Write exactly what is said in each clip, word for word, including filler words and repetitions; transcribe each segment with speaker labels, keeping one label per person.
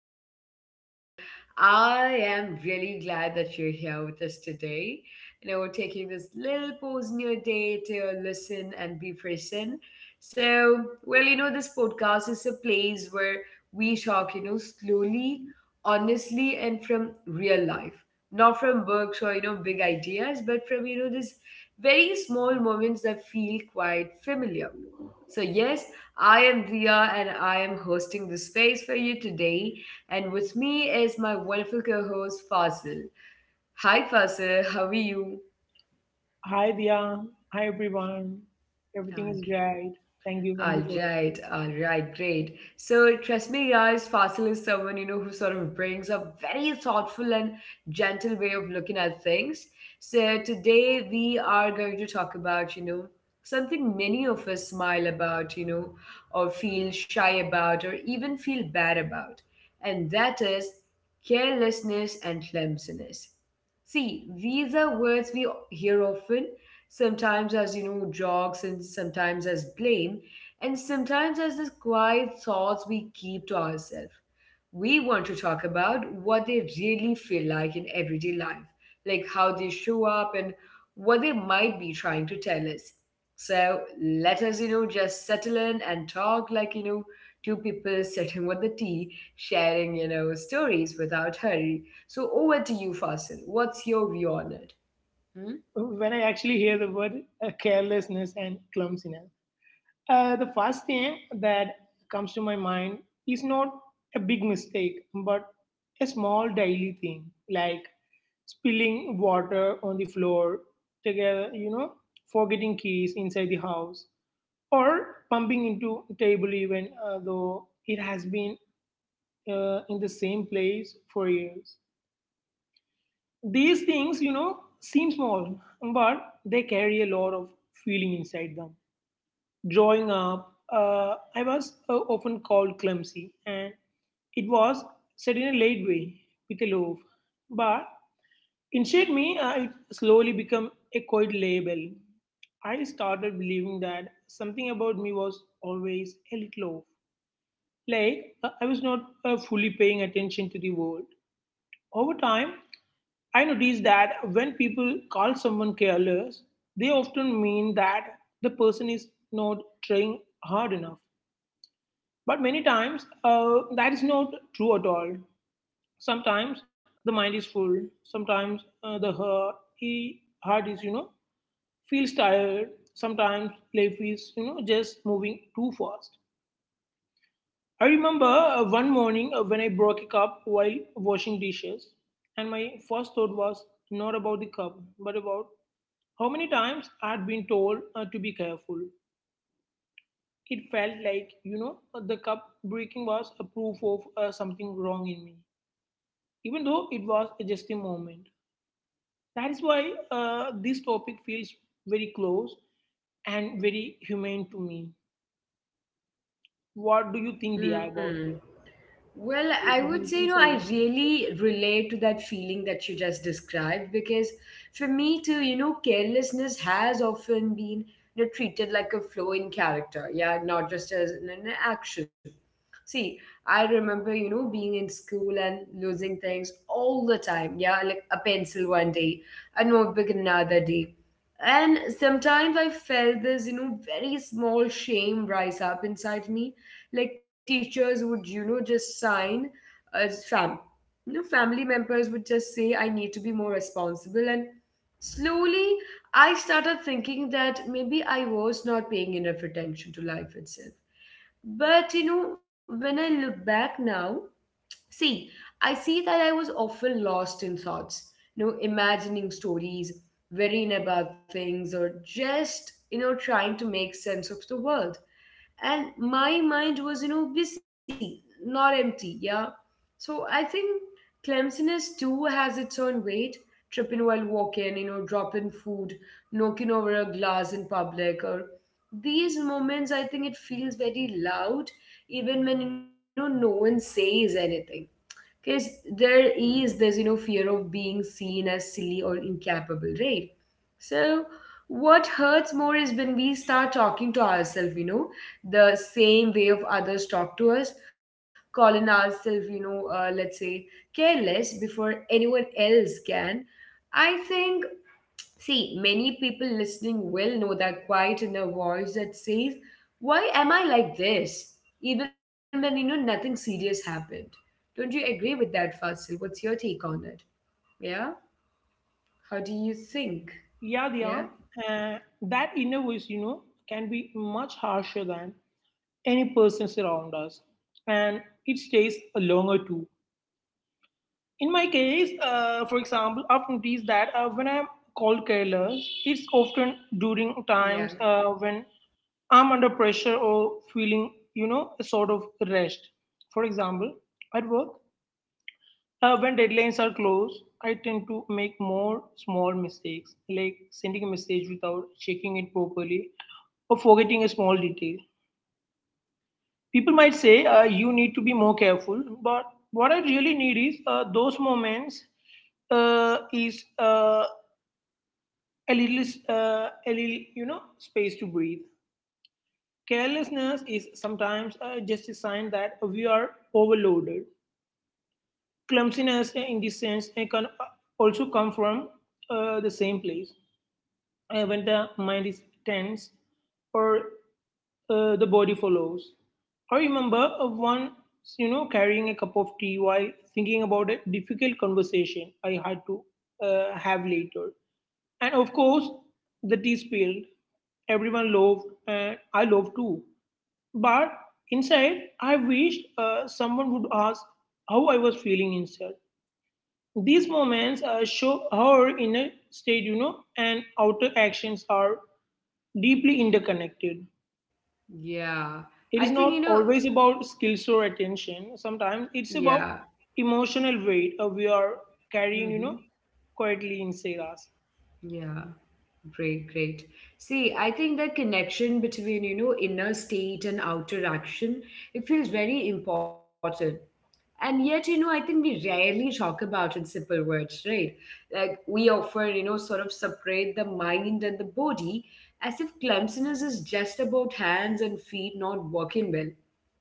Speaker 1: podcast. Well, I am really glad that you're here with us today. You know, we're taking this little pause in your day to listen and be present. So, well, you know, this podcast is a place where we talk, you know, slowly, honestly, and from real life, not from books or, you know, big ideas, but from, you know, these very small moments that feel quite familiar. So, yes, I am Dia, and I am hosting the space for you today. And with me is my wonderful co host Fazil. Hi Fazil, how are you?
Speaker 2: Hi Dia. Hi everyone. Everything is great. Thank you. Thank
Speaker 1: All
Speaker 2: you for
Speaker 1: right, all right, great. So Trasmi Raj Fasil is someone you know who sort of brings a very thoughtful and gentle way of looking at things. So today we are going to talk about you know something many of us smile about, you know, or feel shy about, or even feel bad about, and that is carelessness and clumsiness. See, these are words we hear often, sometimes as you know jokes and sometimes as blame, and sometimes there's this quiet thoughts we keep to ourselves. We want to talk about what they really feel like in everyday life, like how they show up and what they might be trying to tell us. So let us, you know, just settle in and talk like, you know, two people sitting with the tea, sharing, you know, stories without hurry. So over to you, Fasil. What's your view on it? Hmm?
Speaker 2: asking. When I actually hear the word uh, carelessness and clumsiness, uh, the first thing that comes to my mind is not a big mistake, but a small daily thing like spilling water on the floor together, you know, forgetting keys inside the house, or pumping into table even uh, though it has been uh, in the same place for years. These things, you know, seem small, but they carry a lot of feeling inside them. Growing up, uh, I was uh, often called clumsy, and it was said in a late way with a love. But inside me, uh, it slowly became a quiet label. I started believing that something about me was always a little off. Like uh, I was not uh, fully paying attention to the world. Over time, I noticed that when people call someone careless, they often mean that the person is not trying hard enough. But many times, uh, that is not true at all. Sometimes the mind is full. Sometimes uh, the heart, he, heart is, you know, feels tired. Sometimes life is, you know, just moving too fast. I remember uh, one morning uh, when I broke a cup while washing dishes, and my first thought was not about the cup, but about how many times I had been told uh, to be careful. It felt like, you know, uh, the cup breaking was a proof of uh, something wrong in me, even though it was just a moment. That is why uh, this topic feels very close and very humane to me. What do you think, Dia,
Speaker 1: Hmm.
Speaker 2: about this?
Speaker 1: Well, I would say, you know, I really relate to that feeling that you just described because for me too, you know, carelessness has often been you know, treated like a flaw in character, yeah, not just as an, an action. See, I remember, you know, being in school and losing things all the time, yeah, like a pencil one day, a notebook another day. And sometimes I felt this, you know, very small shame rise up inside me, like teachers would you know just sign as fam you know family members would just say I need to be more responsible, and slowly I started thinking that maybe I was not paying enough attention to life itself. But you know when I look back now, see, I see that I was often lost in thoughts, you know imagining stories, worrying about things, or just you know trying to make sense of the world. And my mind was, you know busy, not empty, yeah. So I think clumsiness too has its own weight, tripping while walking, you know dropping food, knocking over a glass in public, or these moments, I think it feels very loud even when, you know no one says anything, because there is this, you know fear of being seen as silly or incapable, right? So, what hurts more is when we start talking to ourselves, you know, the same way of others talk to us, calling ourselves, you know, uh, let's say careless before anyone else can. I think, see, many people listening will know that quiet inner voice that says, "Why am I like this?" Even when, you know, nothing serious happened. Don't you agree with that, Fasil? What's your take on it? Yeah? How do you think?
Speaker 2: Yeah, Diya,
Speaker 1: Yeah?
Speaker 2: uh, that inner voice, you know, can be much harsher than any persons around us, and it stays longer too. In my case, uh, for example, I've noticed that uh, when I'm called careless, it's often during
Speaker 1: Yeah.
Speaker 2: times uh, when I'm under pressure or feeling, you know, a sort of rest. For example, at work, uh, when deadlines are close, I tend to make more small mistakes, like sending a message without checking it properly or forgetting a small detail. People might say uh, you need to be more careful, but what I really need is uh, those moments uh, is uh, a little, s- uh, a little, you know, space to breathe. Carelessness is sometimes uh, just a sign that we are overloaded. Clumsiness, uh, in this sense, uh, can uh, also come from uh, the same place. Uh, when the mind is tense or uh, the body follows. I remember uh, once, you know, carrying a cup of tea while thinking about a difficult conversation I had to uh, have later. And of course, the tea spilled. Everyone loved, and I loved too. But inside, I wished uh, someone would ask how I was feeling inside. These moments uh, show how our inner state, you know, and outer actions are deeply interconnected.
Speaker 1: Yeah,
Speaker 2: It
Speaker 1: I
Speaker 2: is
Speaker 1: think you
Speaker 2: not
Speaker 1: know,
Speaker 2: always about skills or attention. Sometimes
Speaker 1: yeah,
Speaker 2: it's about emotional weight uh, we are carrying, you
Speaker 1: hmm
Speaker 2: know, quietly inside us.
Speaker 1: yeah, great, great. See, I think the connection between you know inner state and outer action, it feels very important, and yet you know I think we rarely talk about in simple words, right? Like we often you know sort of separate the mind and the body, as if clumsiness is just about hands and feet not working well,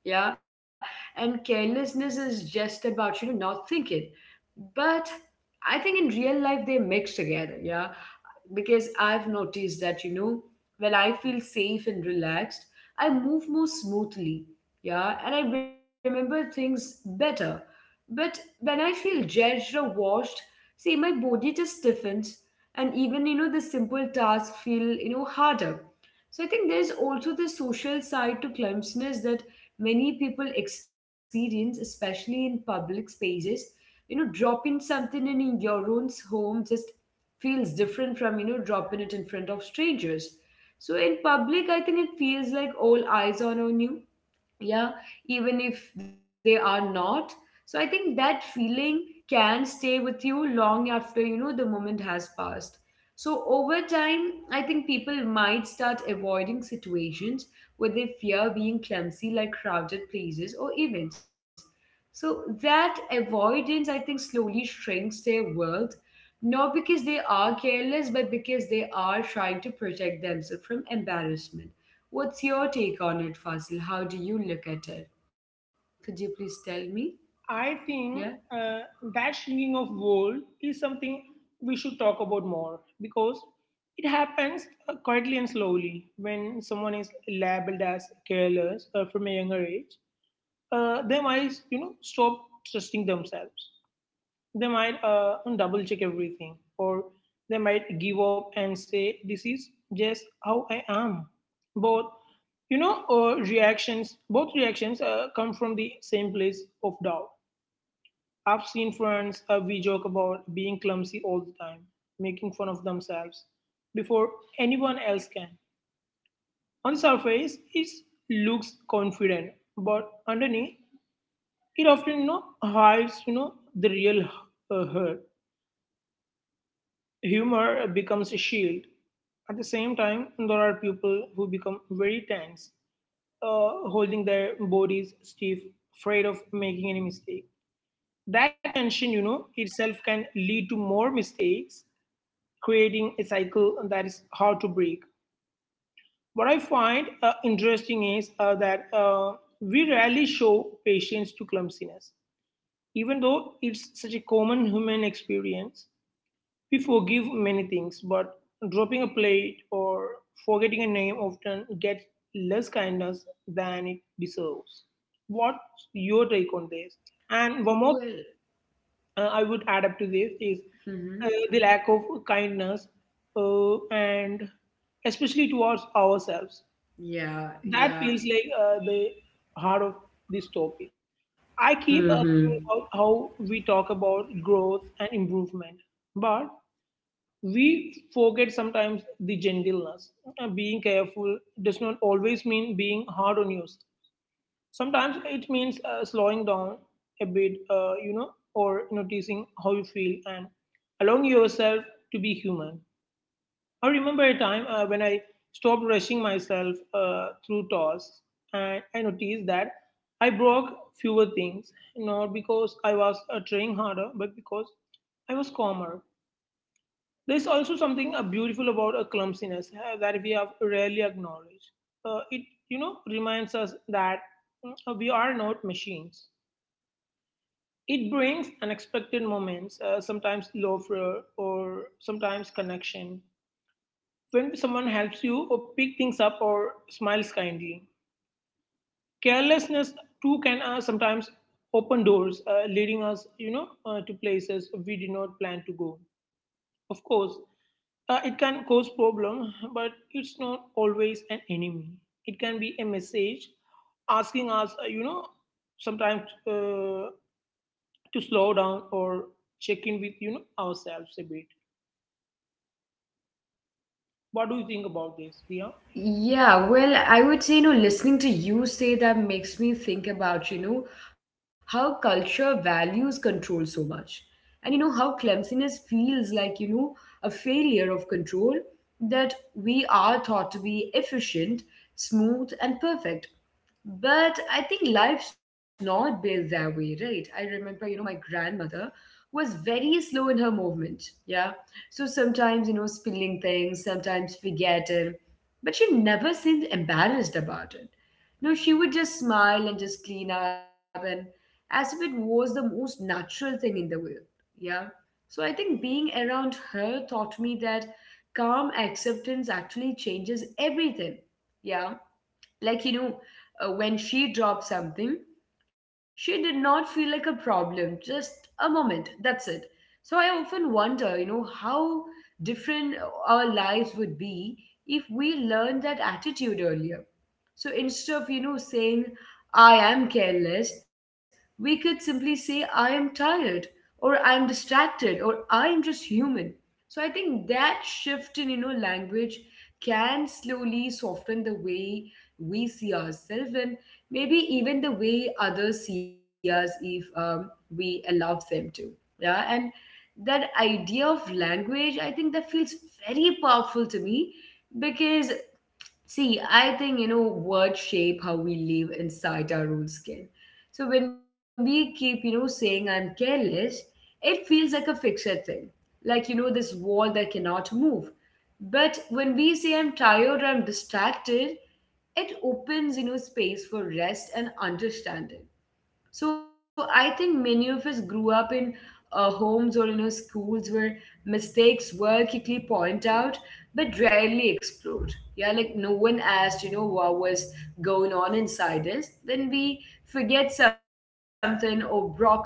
Speaker 1: yeah, and carelessness is just about you know not thinking. But I think in real life they mix together, yeah, because I've noticed that, you know, when I feel safe and relaxed, I move more smoothly, yeah, and I remember things better. But when I feel judged or watched, see, my body just stiffens, and even, you know, the simple tasks feel, you know, harder. So I think there's also the social side to clumsiness that many people experience, especially in public spaces. You know, dropping something in your own home just feels different from you know dropping it in front of strangers. So in public I think it feels like all eyes are on you, yeah, even if they are not. So I think that feeling can stay with you long after, you know the moment has passed. So over time I think people might start avoiding situations where they fear being clumsy, like crowded places or events. So that avoidance, I think, slowly shrinks their world, not because they are careless, but because they are trying to protect themselves from embarrassment. What's your take on it, Fasil? How do you look at it? Could you please tell me?
Speaker 2: I
Speaker 1: Yeah.
Speaker 2: think uh, that shrinking of world is something we should talk about more because it happens uh, quietly and slowly when someone is labeled as careless uh, from a younger age. Uh, they might, you know, stop trusting themselves. They might uh, double check everything, or they might give up and say, this is just how I am. Both, you know, uh, reactions, both reactions uh, come from the same place of doubt. I've seen friends, uh, we joke about being clumsy all the time, making fun of themselves before anyone else can. On the surface, it looks confident, but underneath, it often you know hides you know the real uh, hurt. Humor becomes a shield. At the same time, there are people who become very tense, uh, holding their bodies stiff, afraid of making any mistake. That tension, you know, itself can lead to more mistakes, creating a cycle that is hard to break. What I find uh, interesting is uh, that uh, we rarely show patience to clumsiness, even though it's such a common human experience. We forgive many things, but dropping a plate or forgetting a name often gets less kindness than it deserves. What's your take on this? And one more
Speaker 1: Well.
Speaker 2: uh, I would add up to this is
Speaker 1: Mm-hmm.
Speaker 2: uh, the lack of kindness, uh, and especially towards ourselves.
Speaker 1: Yeah.
Speaker 2: That
Speaker 1: Yeah.
Speaker 2: feels like uh, the heart of this topic. I
Speaker 1: Mm-hmm.
Speaker 2: keep uh, thinking about how we talk about growth and improvement, but we forget sometimes the gentleness. Uh, Being careful does not always mean being hard on yourself. Sometimes it means uh, slowing down a bit, uh, you know, or noticing how you feel and allowing yourself to be human. I remember a time uh, when I stopped rushing myself uh, through tasks, and I noticed that I broke fewer things, not because I was uh, trying harder, but because I was calmer. There's also something uh, beautiful about a clumsiness uh, that we have rarely acknowledged. Uh, it, you know, reminds us that mm, uh, we are not machines. It brings unexpected moments, uh, sometimes laughter or sometimes connection. When someone helps you or pick things up or smiles kindly, carelessness too can uh, sometimes open doors, uh, leading us, you know, uh, to places we did not plan to go. Of course, uh, it can cause problem, but it's not always an enemy. It can be a message asking us, uh, you know, sometimes uh, to slow down or check in with you know ourselves a bit. What do you think about this, Dia?
Speaker 1: Yeah, well, I would say, you know, listening to you say that makes me think about, you know, how culture values control so much. And, you know, how clumsiness feels like, you know, a failure of control, that we are thought to be efficient, smooth, and perfect. But I think life's not built that way, right? I remember, you know, my grandmother was very slow in her movement. Yeah. So sometimes, you know, spilling things, sometimes forgetting, but she never seemed embarrassed about it. No, she would just smile and just clean up, and as if it was the most natural thing in the world. Yeah. So I think being around her taught me that calm acceptance actually changes everything, yeah. Like you know uh, when she dropped something, she did not feel like a problem, just a moment, that's it. So I often wonder, you know how different our lives would be if we learned that attitude earlier. So instead of you know saying "I am careless," we could simply say "I am tired" or "I am distracted" or "I am just human." So I think that shift in, you know language can slowly soften the way we see ourselves and maybe even the way others see us, if um, we allow them to, yeah. And that idea of language, I think that feels very powerful to me, because, see, I think, you know, words shape how we live inside our own skin. So when we keep, you know, saying "I'm careless," it feels like a fixed thing. Like, you know, this wall that cannot move. But when we say "I'm tired" or "I'm distracted," it opens, you know, space for rest and understanding. So I think many of us grew up in uh, homes or you know schools where mistakes were quickly pointed out but rarely explored. Yeah, like no one asked, you know, what was going on inside us, then we forget something or broke something.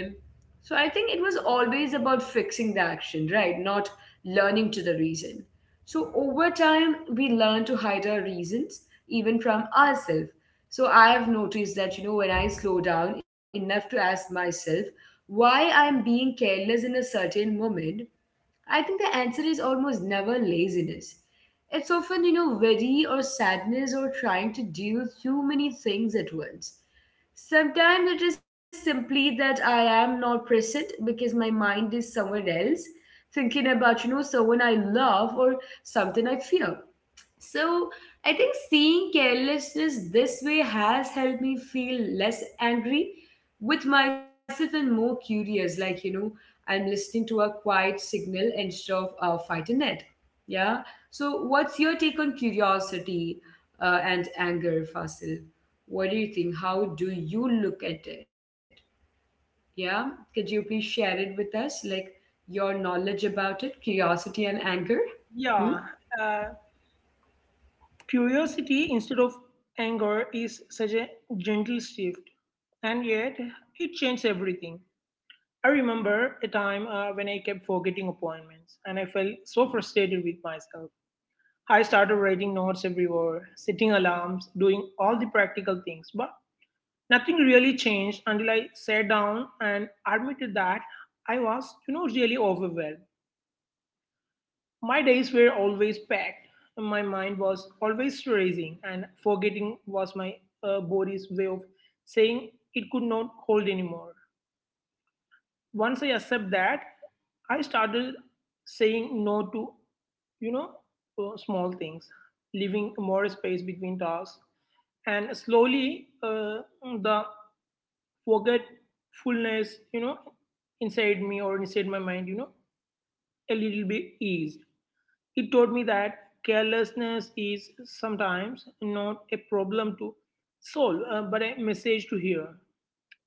Speaker 1: So I think it was always about fixing the action, right? Not learning to the reason. So over time, we learn to hide our reasons even from ourselves. So I've noticed that, you know, when I slow down enough to ask myself why I'm being careless in a certain moment, I think the answer is almost never laziness. It's often, you know, worry or sadness or trying to do too many things at once. Sometimes it is simply that I am not present because my mind is somewhere else, thinking about, you know, someone I love or something I fear. So I think seeing carelessness this way has helped me feel less angry with myself and more curious. Like, you know, I'm listening to a quiet signal instead of uh, fighting it. Yeah. So, what's your take on curiosity uh, and anger, Fasil? What do you think? How do you look at it? Yeah. Could you please share it with us? Like, your knowledge about it, curiosity and anger? Hmm?
Speaker 2: Yeah, uh, curiosity instead of anger is such a gentle shift, and yet it changed everything. I remember a time uh, when I kept forgetting appointments and I felt so frustrated with myself. I started writing notes everywhere, setting alarms, doing all the practical things, but nothing really changed until I sat down and admitted that I was, you know, really overwhelmed. My days were always packed, and my mind was always racing, and forgetting was my uh, body's way of saying it could not hold anymore. Once I accept that, I started saying no to, you know, uh, small things, leaving more space between tasks, and slowly uh, the forgetfulness, you know, inside me or inside my mind, you know, a little bit eased. It taught me that carelessness is sometimes not a problem to solve, uh, but a message to hear.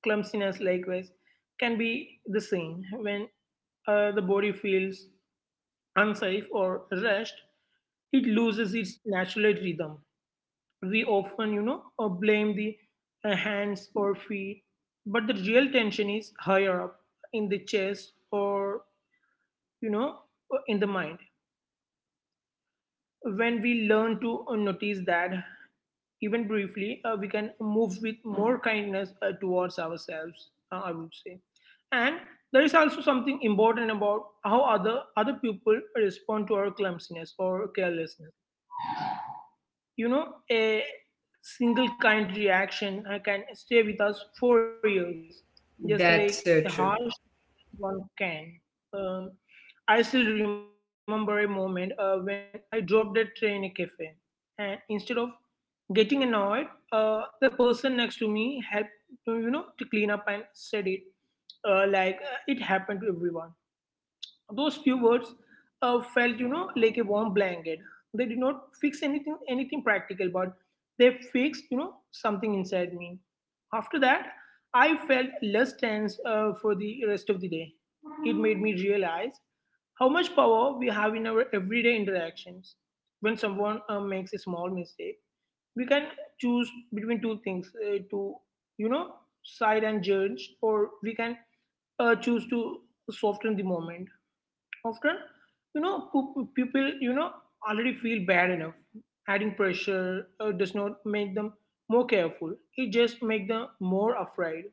Speaker 2: Clumsiness, likewise, can be the same. When uh, the body feels unsafe or rushed, it loses its natural rhythm. We often, you know, uh, blame the uh, hands or feet, but the real tension is higher up in the chest or, you know, uh, in the mind. When we learn to uh, notice that, even briefly, uh, we can move with more kindness uh, towards ourselves, uh, I would say. And there is also something important about how other, other people respond to our clumsiness or carelessness, you know, a single kind reaction uh, can stay with us for years just like
Speaker 1: That's so
Speaker 2: a
Speaker 1: true.
Speaker 2: harsh one can. um, I still remember a moment uh, when I dropped a tray in a cafe, and instead of getting annoyed, uh, the person next to me helped to you know to clean up and said it uh, like uh, it happened to everyone. Those few words uh, felt, you know, like a warm blanket. They did not fix anything, anything practical, but they fixed, you know, something inside me. After that, I felt less tense uh, for the rest of the day. It made me realize how much power we have in our everyday interactions. When someone uh, makes a small mistake, we can choose between two things uh, to you know side and judge, or we can uh, choose to soften the moment. Often, you know, pu- people, you know, already feel bad enough. Adding pressure uh, does not make them more careful, it just makes them more afraid.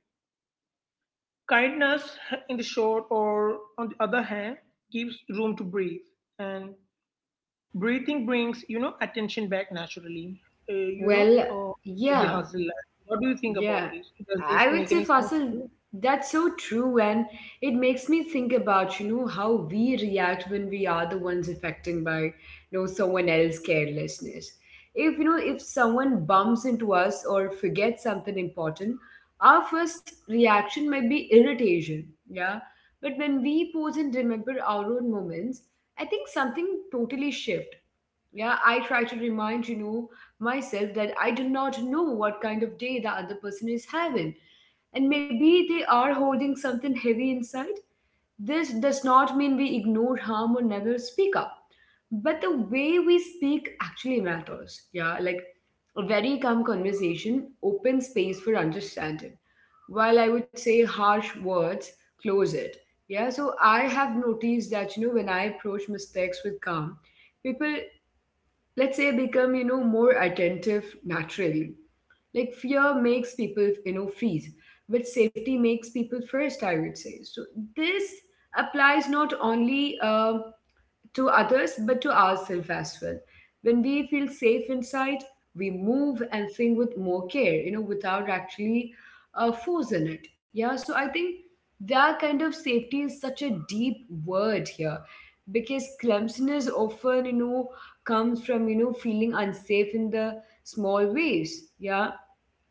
Speaker 2: Kindness in the short or on the other hand gives room to breathe, and breathing brings you know attention back naturally. uh, you know
Speaker 1: Well,
Speaker 2: uh, the
Speaker 1: yeah,
Speaker 2: hustle life. What do you think about
Speaker 1: yeah.
Speaker 2: this? Does this
Speaker 1: I would
Speaker 2: make
Speaker 1: say,
Speaker 2: any sense
Speaker 1: Fasil,
Speaker 2: to you?
Speaker 1: that's so true, and it makes me think about, you know, how we react when we are the ones affected by, you know, someone else's carelessness. If, you know, if someone bumps into us or forgets something important, our first reaction might be irritation, yeah? But when we pause and remember our own moments, I think something totally shifts. Yeah, I try to remind you know myself that I do not know what kind of day the other person is having, and maybe they are holding something heavy inside. This does not mean we ignore harm or never speak up, but the way we speak actually matters. Yeah, like a very calm conversation opens space for understanding, while I would say harsh words close it. Yeah, so I have noticed that, you know when I approach mistakes with calm, people, let's say, become you know more attentive naturally. Like fear makes people you know freeze, but safety makes people first, I would say. So this applies not only um to others but to ourselves as well. When we feel safe inside, we move and think with more care you know without actually uh, forcing it. Yeah, so I think that kind of safety is such a deep word here, because clumsiness often you know comes from you know feeling unsafe in the small ways. Yeah,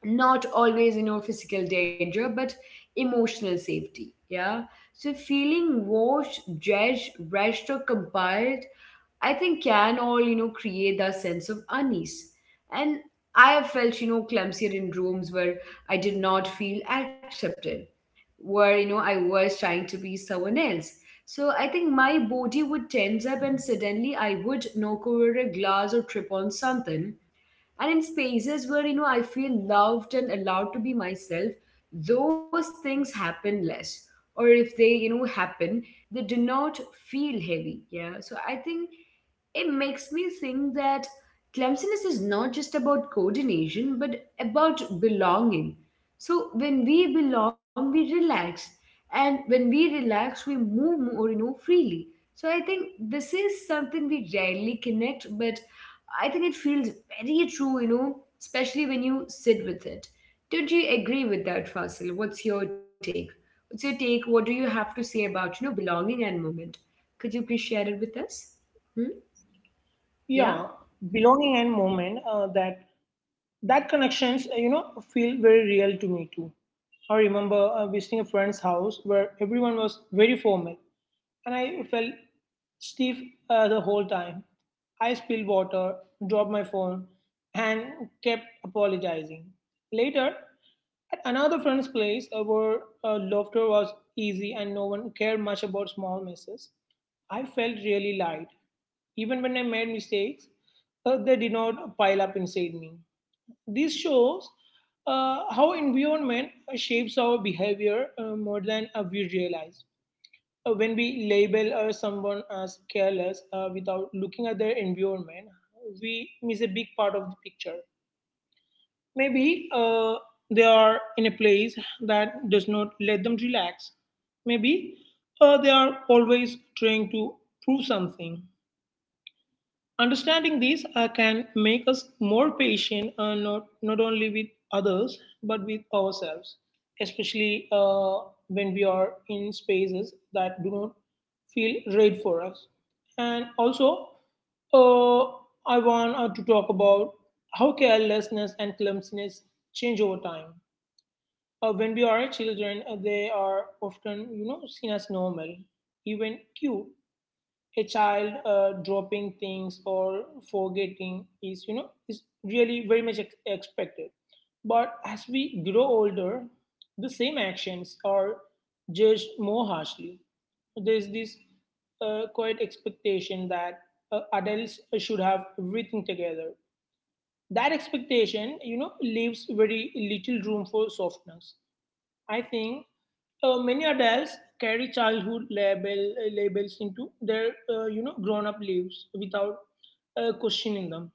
Speaker 1: not always you know physical danger, but emotional safety. Yeah, so feeling watched, judged, rushed, or compiled, I think, can all, you know, create that sense of unease. And I have felt, you know, clumsier in rooms where I did not feel accepted, where, you know, I was trying to be someone else. So I think my body would tense up and suddenly I would knock over a glass or trip on something. And in spaces where, you know, I feel loved and allowed to be myself, those things happen less. Or if they, you know, happen, they do not feel heavy. Yeah. So I think it makes me think that clumsiness is not just about coordination, but about belonging. So when we belong, we relax. And when we relax, we move more, you know, freely. So I think this is something we rarely connect, but I think it feels very true, you know, especially when you sit with it. Don't you agree with that, Fasil? What's your take? What's your take? What do you have to say about, you know, belonging and movement? Could you please share it with us? Yeah,
Speaker 2: Yeah, belonging and moment, uh, that that connections uh, you know feel very real to me too. I remember uh, visiting a friend's house where everyone was very formal, and I felt stiff uh, the whole time. I spilled water, dropped my phone, and kept apologizing. Later, at another friend's place, uh, where uh, laughter was easy and no one cared much about small messes, I felt really light. Even when I made mistakes, uh, they did not pile up inside me. This shows uh, how environment shapes our behavior uh, more than uh, we realize. Uh, when we label uh, someone as careless uh, without looking at their environment, we miss a big part of the picture. Maybe uh, they are in a place that does not let them relax. Maybe uh, they are always trying to prove something. Understanding these uh, can make us more patient, uh, not, not only with others, but with ourselves, especially uh, when we are in spaces that do not feel right for us. And also, uh, I want uh, to talk about how carelessness and clumsiness change over time. Uh, when we are children, uh, they are often, you know, seen as normal, even cute. A child uh, dropping things or forgetting is you know is really very much ex- expected. But as we grow older, the same actions are judged more harshly. There's this uh, quite expectation that uh, adults should have everything together. That expectation you know leaves very little room for softness. I think uh, many adults carry childhood label uh, labels into their uh, you know grown up lives without uh, questioning them.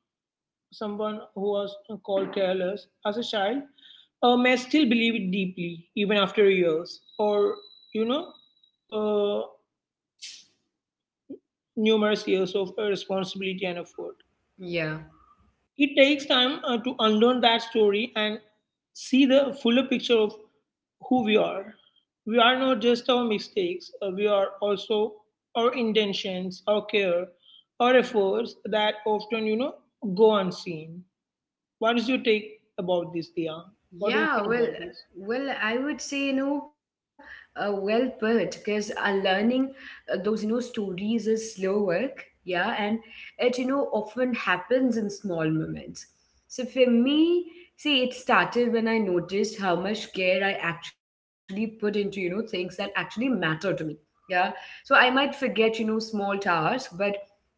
Speaker 2: Someone who was called careless as a child uh, may still believe it deeply, even after years or you know uh, numerous years of uh, responsibility and effort.
Speaker 1: yeah,
Speaker 2: It takes time uh, to unlearn that story and see the fuller picture of who we are. We are not just our mistakes, uh, we are also our intentions, our care, our efforts that often, you know, go unseen. What is your take about this, Dia? What do you
Speaker 1: yeah.
Speaker 2: think
Speaker 1: Well,
Speaker 2: about this?
Speaker 1: well, I would say you know, uh, well put, because uh, learning uh, those you know stories is slow work. Yeah, and it you know often happens in small moments. So for me, see, it started when I noticed how much care I actually put into you know things that actually matter to me. Yeah, so I might forget you know small tasks, but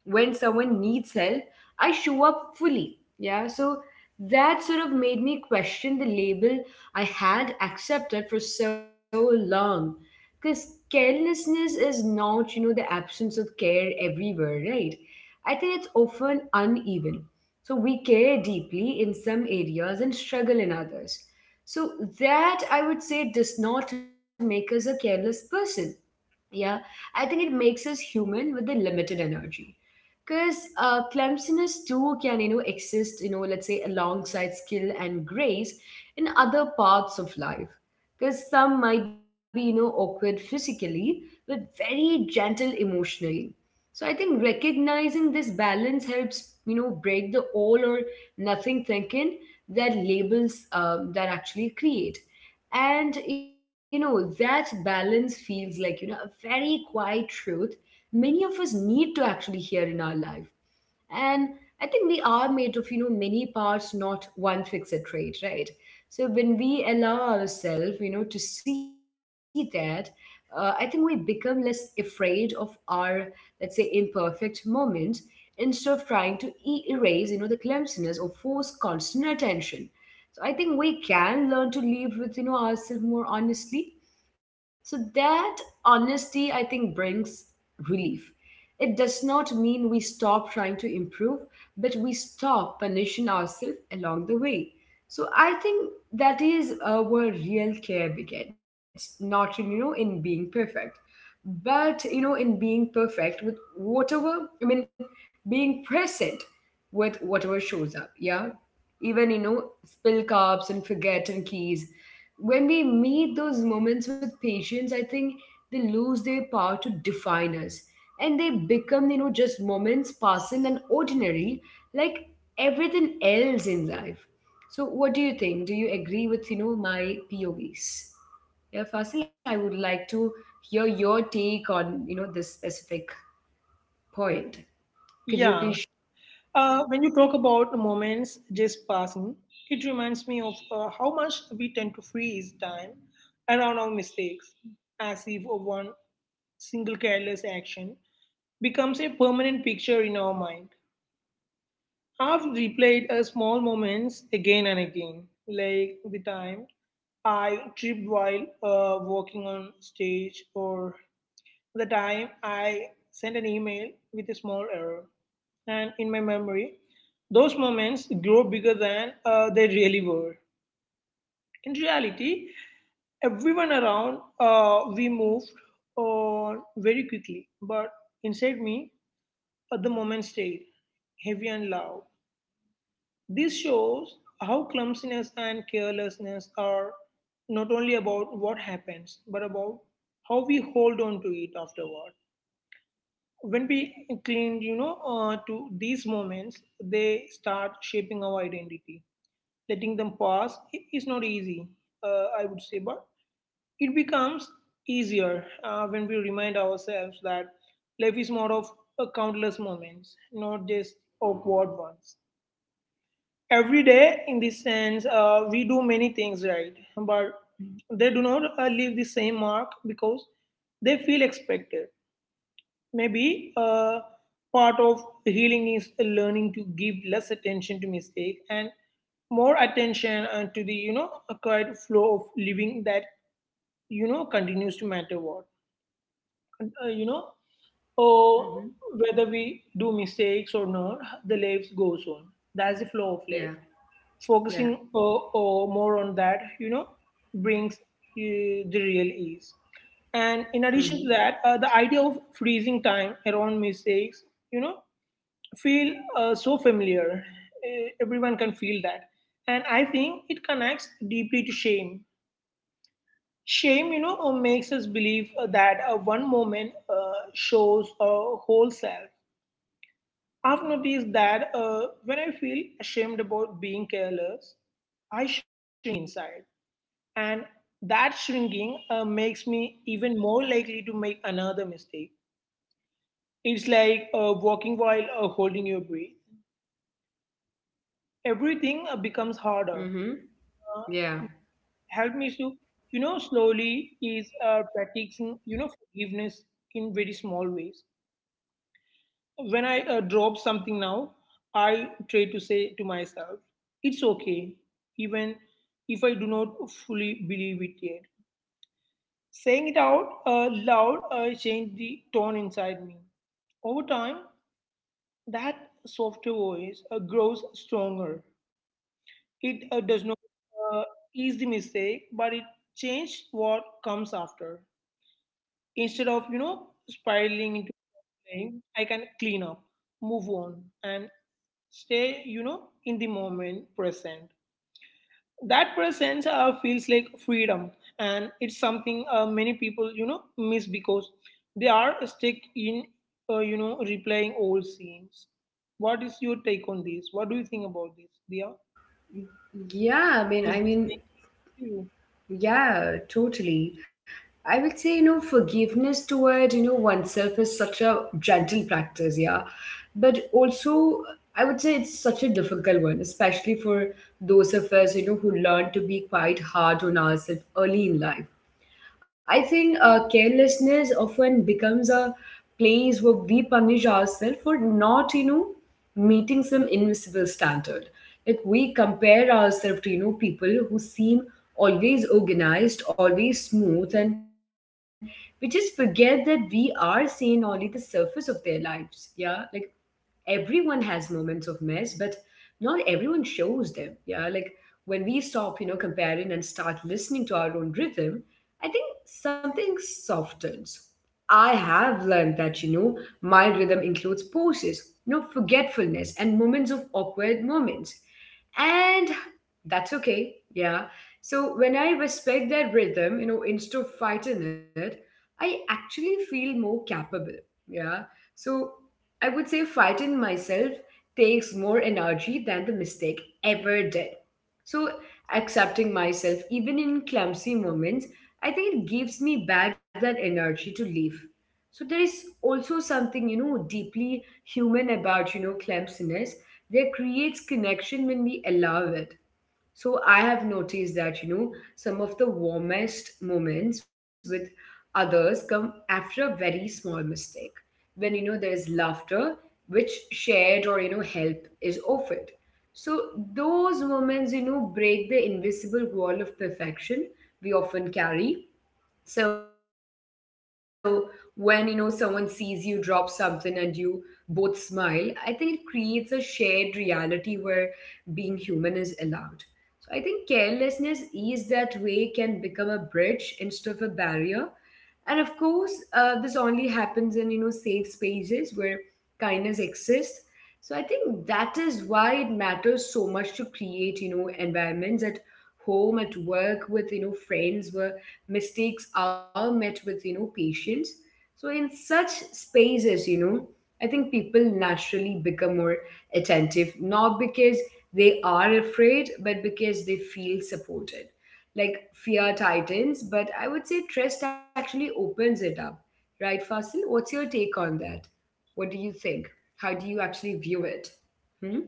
Speaker 1: when someone needs help, I show up fully. Yeah, so that sort of made me question the label I had accepted for so long. Because carelessness is not, you know, the absence of care everywhere, right? I think it's often uneven. So we care deeply in some areas and struggle in others. So that, I would say, does not make us a careless person. Yeah, I think it makes us human with the limited energy. Because uh, clumsiness too can, you know, exist, you know, let's say, alongside skill and grace in other parts of life. Because some might be, you know, awkward physically, but very gentle emotionally. So I think recognizing this balance helps, you know, break the all or nothing thinking that labels um, that actually create. And you know, that balance feels like, you know, a very quiet truth many of us need to actually hear in our life. And I think we are made of you know many parts, not one fixed trait, right? So when we allow ourselves you know to see that, uh, I think we become less afraid of our, let's say, imperfect moment. Instead of trying to e- erase you know the clumsiness or force constant attention, so I think we can learn to live with you know ourselves more honestly. So that honesty, I think, brings relief. It does not mean we stop trying to improve, but we stop punishing ourselves along the way. So I think that is uh, where real care begins, not in, you know in being perfect, but you know in being perfect with whatever I mean, being present with whatever shows up. Yeah, even you know spill cups and forgotten keys. When we meet those moments with patience, I think they lose their power to define us, and they become you know just moments passing and ordinary, like everything else in life. So what do you think? Do you agree with you know my povs? Yeah, Fasil, I would like to hear your take on you know this specific point.
Speaker 2: Yeah.
Speaker 1: Could you
Speaker 2: Uh,
Speaker 1: please?
Speaker 2: when you talk about moments just passing, it reminds me of uh, how much we tend to freeze time around our mistakes, as if one single careless action becomes a permanent picture in our mind. I've replayed uh, small moments again and again, like the time I tripped while uh, walking on stage, or the time I sent an email with a small error. And in my memory, those moments grow bigger than uh, they really were. In reality, everyone around uh, we moved on very quickly, but inside me, uh, the moment stayed heavy and loud. This shows how clumsiness and carelessness are not only about what happens, but about how we hold on to it afterward. When we cling you know uh, to these moments, they start shaping our identity. Letting them pass i- is not easy, uh, I would say, but it becomes easier uh, when we remind ourselves that life is more of uh, countless moments, not just awkward ones. Every day, in this sense, uh, we do many things right, but they do not uh, leave the same mark because they feel expected. Maybe uh, part of healing is learning to give less attention to mistake and more attention uh, to the you know acquired flow of living that you know continues to matter. What uh, you know oh,
Speaker 1: Mm-hmm.
Speaker 2: whether we do mistakes or not, the life goes on. That's the flow of life.
Speaker 1: Yeah,
Speaker 2: Focusing
Speaker 1: yeah.
Speaker 2: uh, uh, more on that, you know brings uh, the real ease. And in addition to
Speaker 1: Mm-hmm.
Speaker 2: that, uh, the idea of freezing time around mistakes you know feel uh, so familiar. Uh, everyone can feel that. And I think it connects deeply to shame. Shame, you know, uh, makes us believe uh, that uh, one moment uh, shows our whole self. I've noticed that uh, when I feel ashamed about being careless, I shrink inside. And that shrinking uh, makes me even more likely to make another mistake. It's like uh, walking while uh, holding your breath. Everything uh, becomes harder.
Speaker 1: Mm-hmm. Yeah,
Speaker 2: Help me, Sue. You know, slowly is uh, practicing, you know, forgiveness in very small ways. When I uh, drop something now, I try to say to myself, it's okay, even if I do not fully believe it yet. Saying it out uh, loud uh, changed the tone inside me. Over time, that softer voice uh, grows stronger. It uh, does not uh, ease the mistake, but it changes what comes after. Instead of, you know, spiraling into blame, I can clean up, move on, and stay you know in the moment present. That presence uh, feels like freedom, and it's something uh, many people you know miss because they are stuck in uh, you know replaying old scenes. What is your take on this? What do you think about this, Dia?
Speaker 1: yeah. i
Speaker 2: Is
Speaker 1: mean
Speaker 2: this
Speaker 1: i
Speaker 2: make
Speaker 1: mean
Speaker 2: sense to you?
Speaker 1: yeah, totally. I would say, you know, forgiveness toward, you know, oneself is such a gentle practice, yeah. But also, I would say it's such a difficult one, especially for those of us, you know, who learn to be quite hard on ourselves early in life. I think uh, carelessness often becomes a place where we punish ourselves for not, you know, meeting some invisible standard. Like we compare ourselves to, you know, people who seem always organized, always smooth, and we just forget that we are seeing only the surface of their lives. Yeah, like everyone has moments of mess, but not everyone shows them. Yeah, like when we stop, you know, comparing and start listening to our own rhythm, I think something softens. I have learned that, you know, my rhythm includes pauses, you know, forgetfulness and moments of awkward moments. And that's okay. Yeah. So when I respect that rhythm, you know, instead of fighting it, I actually feel more capable. Yeah. So I would say fighting myself takes more energy than the mistake ever did. So, accepting myself, even in clumsy moments, I think it gives me back that energy to live. So, there is also something, you know, deeply human about, you know, clumsiness that creates connection when we allow it. So I have noticed that, you know, some of the warmest moments with others come after a very small mistake. When, you know, there's laughter, which shared or, you know, help is offered. So those moments, you know, break the invisible wall of perfection we often carry. So when you know someone sees you drop something and you both smile, I think it creates a shared reality where being human is allowed. So I think carelessness is that way can become a bridge instead of a barrier. And of course, uh, this only happens in you know safe spaces where kindness exists. So I think that is why it matters so much to create you know environments at home, at work, with you know friends, where mistakes are met with you know patience. So in such spaces, you know I think people naturally become more attentive, not because they are afraid, but because they feel supported. Like fear tightens, but I would say trust actually opens it up. Right, Fasil, what's your take on that? What do you think? How do you actually view it? Hmm.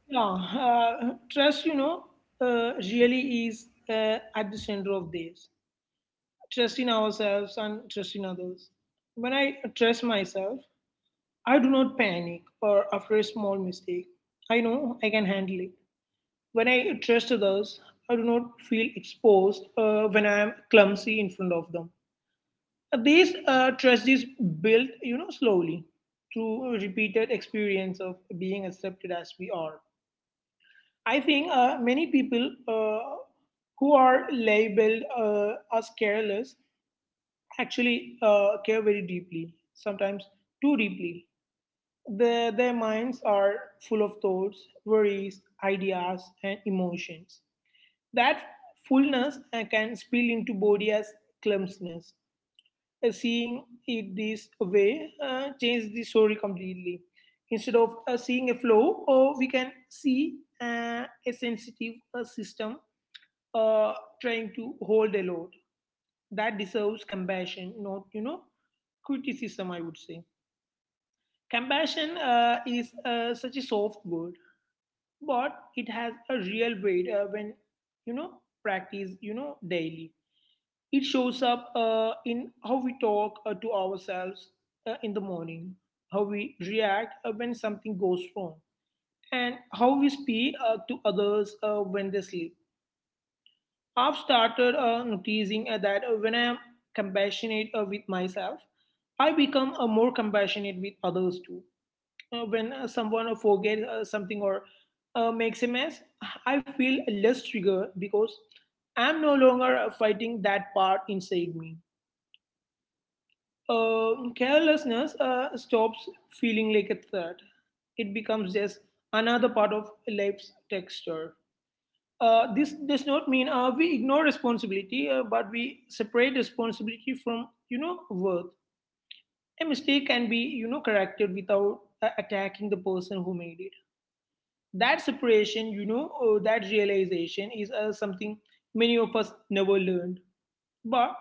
Speaker 2: Yeah. Uh, trust, you know uh, really is uh, at the center of this. Trust in ourselves and trust in others. When I trust myself, I do not panic or after a small mistake. I know I can handle it. When I trust others, I do not feel exposed uh, when I am clumsy in front of them. This uh, trust is built, you know, slowly, through repeated experience of being accepted as we are. I think uh, many people uh, who are labeled uh, as careless actually uh, care very deeply, sometimes too deeply. Their, their minds are full of thoughts, worries, ideas, and emotions. That fullness uh, can spill into body as clumsiness. Uh, Seeing it this way uh, changes the story completely. Instead of uh, seeing a flow, or we can see uh, a sensitive uh, system uh, trying to hold a load that deserves compassion, not you know criticism. I would say compassion uh, is uh, such a soft word, but it has a real weight uh, when you know practice you know daily. It shows up uh, in how we talk uh, to ourselves uh, in the morning, how we react uh, when something goes wrong, and how we speak uh, to others uh, when they sleep. I've started uh, noticing uh, that uh, when I'm compassionate uh, with myself, I become uh, more compassionate with others too. Uh, when uh, someone forgets uh, something or uh, makes a mess, I feel less triggered because I'm no longer uh, fighting that part inside me. Uh, carelessness uh, stops feeling like a threat. It becomes just another part of life's texture. Uh, this does not mean uh, we ignore responsibility, uh, but we separate responsibility from, you know, worth. A mistake can be, you know, corrected without uh, attacking the person who made it. That separation, you know or that realization, is uh, something many of us never learned, but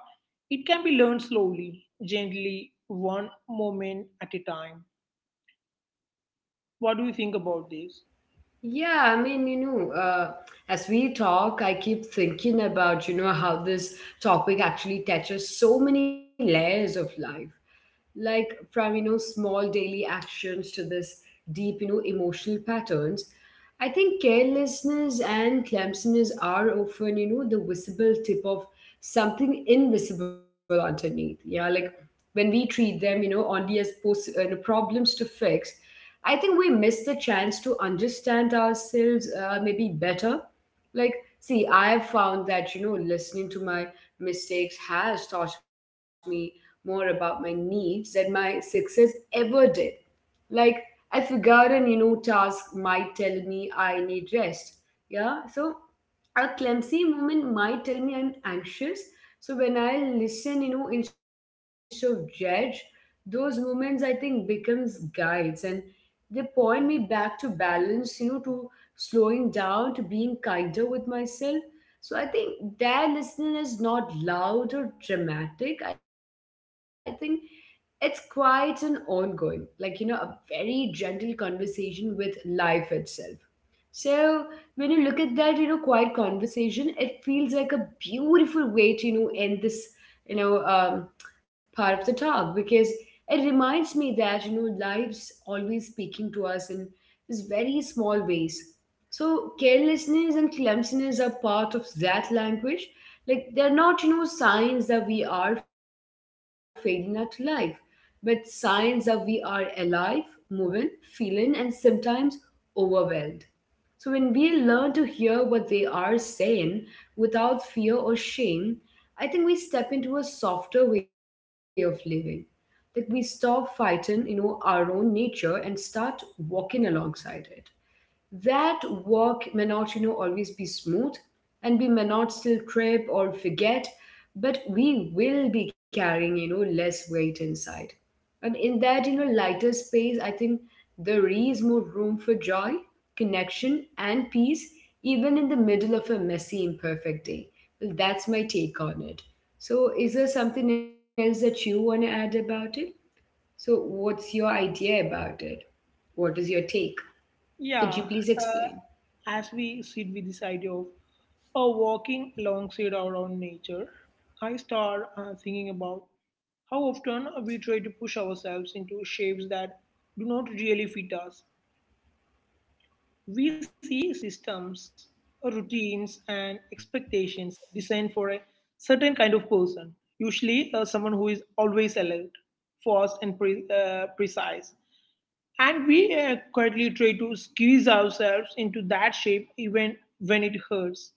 Speaker 2: it can be learned, slowly, gently, one moment at a time. What do you think about this?
Speaker 1: Yeah, I mean, you know, uh, as we talk, I keep thinking about, you know, how this topic actually touches so many layers of life, like from you know small daily actions to this deep, you know emotional patterns. I think carelessness and clumsiness are often you know the visible tip of something invisible underneath. Yeah, like when we treat them, you know only as post, you know, problems to fix, I think we miss the chance to understand ourselves, uh, maybe better. Like, see, I have found that, you know listening to my mistakes has taught me more about my needs than my success ever did. Like, I've forgotten, you know, task might tell me I need rest. Yeah, so a clumsy moment might tell me I'm anxious. So when I listen, you know, instead of judge, those moments, I think, becomes guides, and they point me back to balance, you know, to slowing down, to being kinder with myself. So I think that listening is not loud or dramatic. I think it's quite an ongoing, like, you know, a very gentle conversation with life itself. So when you look at that, you know, quiet conversation, it feels like a beautiful way to, you know, end this, you know, um, part of the talk, because it reminds me that, you know, life's always speaking to us in these very small ways. So carelessness and clumsiness are part of that language. Like, they're not, you know, signs that we are failing at life, but signs that we are alive, moving, feeling, and sometimes overwhelmed. So when we learn to hear what they are saying without fear or shame, I think we step into a softer way of living. Like, we stop fighting, you know, our own nature and start walking alongside it. That walk may not, you know, always be smooth, and we may not still trip or forget, but we will be carrying, you know, less weight inside. And in that, you know, lighter space, I think there is more room for joy, connection, and peace, even in the middle of a messy, imperfect day. Well, that's my take on it. So, is there something else that you want to add about it? So, what's your idea about it? What is your take? Could you
Speaker 2: Yeah.
Speaker 1: please
Speaker 2: uh,
Speaker 1: explain?
Speaker 2: as we sit with this idea of uh, walking alongside our own nature, I start uh, thinking about how often we try to push ourselves into shapes that do not really fit us. We see systems, routines, and expectations designed for a certain kind of person, usually uh, someone who is always alert, fast, and pre- uh, precise. And we uh, quietly try to squeeze ourselves into that shape even when it hurts.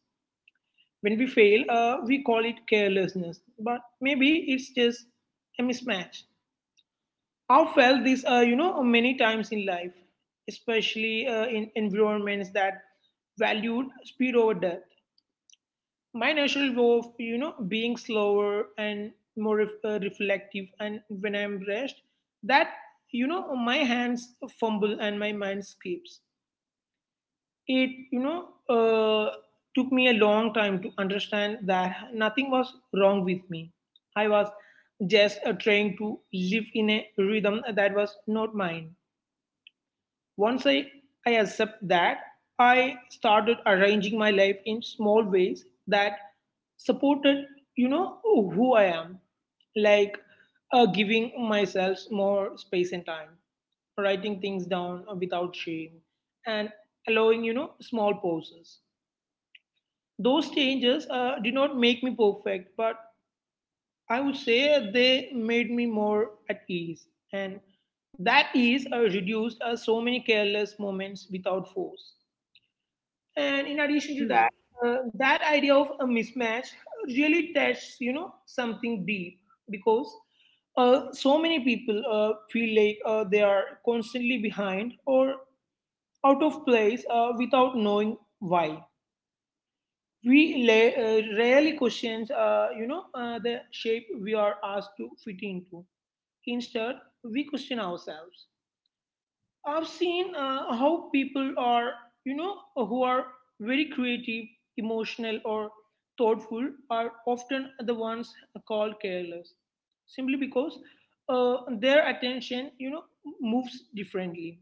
Speaker 2: When we fail, uh, we call it carelessness, but maybe it's just a mismatch. I've felt this, uh, you know, many times in life, especially uh, in environments that valued speed over depth. My natural way of, you know, being slower and more ref- uh, reflective, and when I'm rest, that, you know, my hands fumble and my mind skips. It, you know, uh, took me a long time to understand that nothing was wrong with me. I was just uh, trying to live in a rhythm that was not mine. Once I, I accept that, I started arranging my life in small ways that supported, you know, who I am, like uh, giving myself more space and time, writing things down without shame, and allowing, you know, small pauses. Those changes uh, did not make me perfect, but I would say they made me more at ease, and that ease uh, reduced uh, so many careless moments without force. And in addition to
Speaker 1: Hmm.
Speaker 2: that, uh, that idea of a mismatch really touches, you know, something deep, because uh, so many people uh, feel like uh, they are constantly behind or out of place uh, without knowing why. We la- uh, rarely questions, uh, you know, uh, the shape we are asked to fit into. Instead, we question ourselves. I've seen uh, how people are, you know, who are very creative, emotional, or thoughtful are often the ones called careless, simply because uh, their attention, you know, moves differently.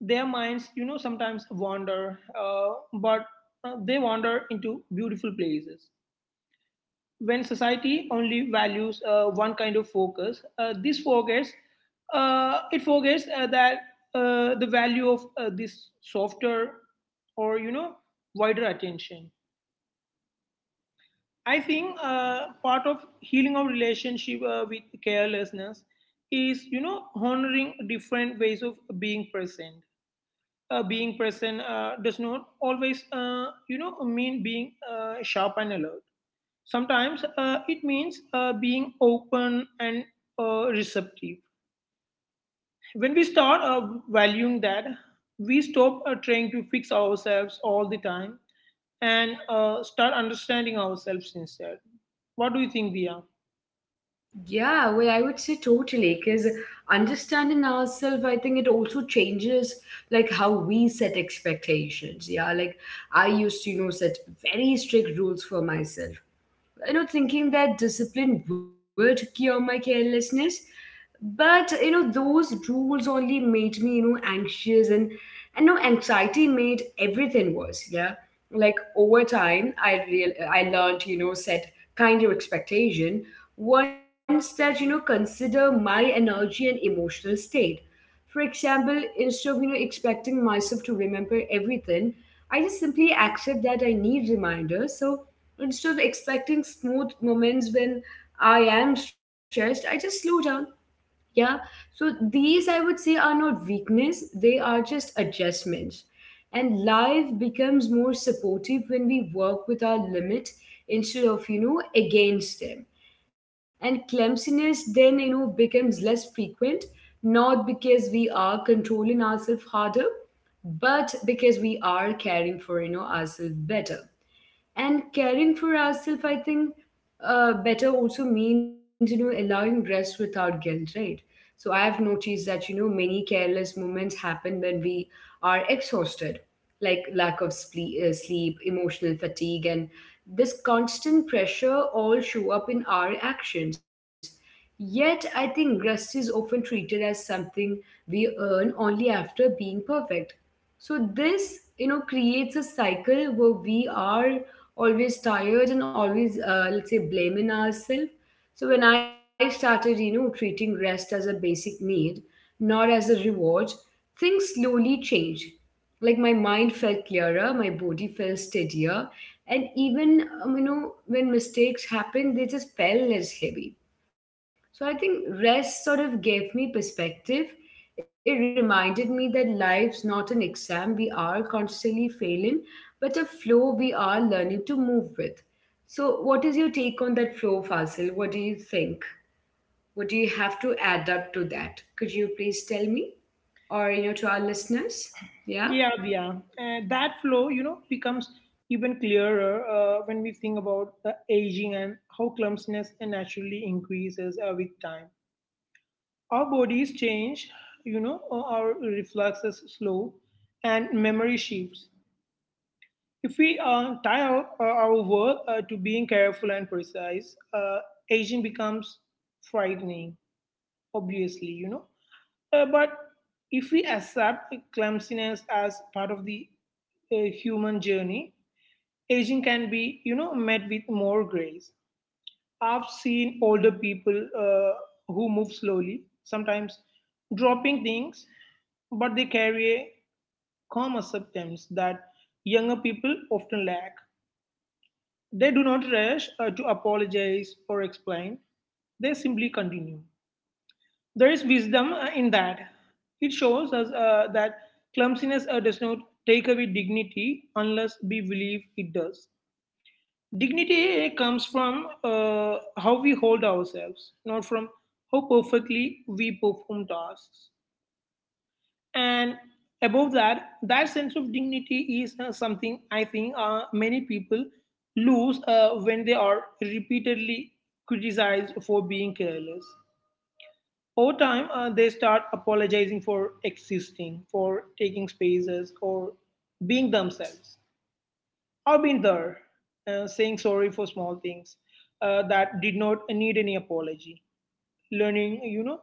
Speaker 2: Their minds, you know, sometimes wander, uh, but uh, they wander into beautiful places. When society only values uh, one kind of focus, uh, this forgets uh, it forgets uh, that uh, the value of uh, this softer or you know wider attention. I think uh, part of healing our relationship uh, with carelessness is you know honoring different ways of being present. Uh, being present uh, does not always uh, you know mean being uh, sharp and alert. Sometimes uh, it means uh, being open and uh, receptive. When we start uh, valuing that, we stop uh, trying to fix ourselves all the time and uh, start understanding ourselves instead. What do you think, Via?
Speaker 1: Yeah, well, I would say totally, because understanding ourselves, I think it also changes, like, how we set expectations. Yeah, like I used to, you know, set very strict rules for myself. You know, thinking that discipline would cure my carelessness, but you know, those rules only made me, you know, anxious, and and no, anxiety made everything worse. Yeah, like over time, i real i learned, you know, set kinder expectation, ones that, you know, consider my energy and emotional state. For example, instead of, you know, expecting myself to remember everything, I just simply accept that I need reminders. So instead of expecting smooth moments when I am stressed, I just slow down. Yeah. So these, I would say, are not weakness, they are just adjustments. And life becomes more supportive when we work with our limit instead of, you know, against them. And clumsiness then, you know, becomes less frequent, not because we are controlling ourselves harder, but because we are caring for, you know, ourselves better. And caring for ourselves, I think, uh, better also means, you know, allowing rest without guilt, right? So I have noticed that, you know, many careless moments happen when we are exhausted. Like lack of sleep, uh, sleep, emotional fatigue, and this constant pressure all show up in our actions. Yet I think rest is often treated as something we earn only after being perfect. So this, you know, creates a cycle where we are always tired and always, uh, let's say, blaming ourselves. So when I started, you know, treating rest as a basic need, not as a reward, things slowly changed. Like my mind felt clearer, my body felt steadier, and even, um, you know, when mistakes happened, they just felt less heavy. So I think rest sort of gave me perspective. It reminded me that life's not an exam we are constantly failing, but a flow we are learning to move with. So, what is your take on that flow, Fasil? What do you think? What do you have to add up to that? Could you please tell me, or you know, to our listeners? Yeah.
Speaker 2: Yeah, Via. Uh, that flow, you know, becomes even clearer uh, when we think about uh, aging and how clumsiness naturally increases uh, with time. Our bodies change, you know, uh, our reflexes slow, and memory shifts. If we uh, tie our, our our work uh, to being careful and precise, uh, aging becomes frightening, obviously, you know. Uh, but if we accept clumsiness as part of the uh, human journey, aging can be, you know, met with more grace. I've seen older people uh, who move slowly, sometimes dropping things, but they carry a calm acceptance that younger people often lack. They do not rush uh, to apologize or explain, they simply continue. There is wisdom uh, in that. It shows us uh, that clumsiness uh, does not take away dignity unless we believe it does. Dignity comes from uh, how we hold ourselves, not from how perfectly we perform tasks. And above that, that sense of dignity is uh, something I think uh, many people lose uh, when they are repeatedly criticized for being careless. Over time, uh, they start apologizing for existing, for taking spaces, or being themselves. I've been there, uh, saying sorry for small things uh, that did not need any apology. Learning, you know,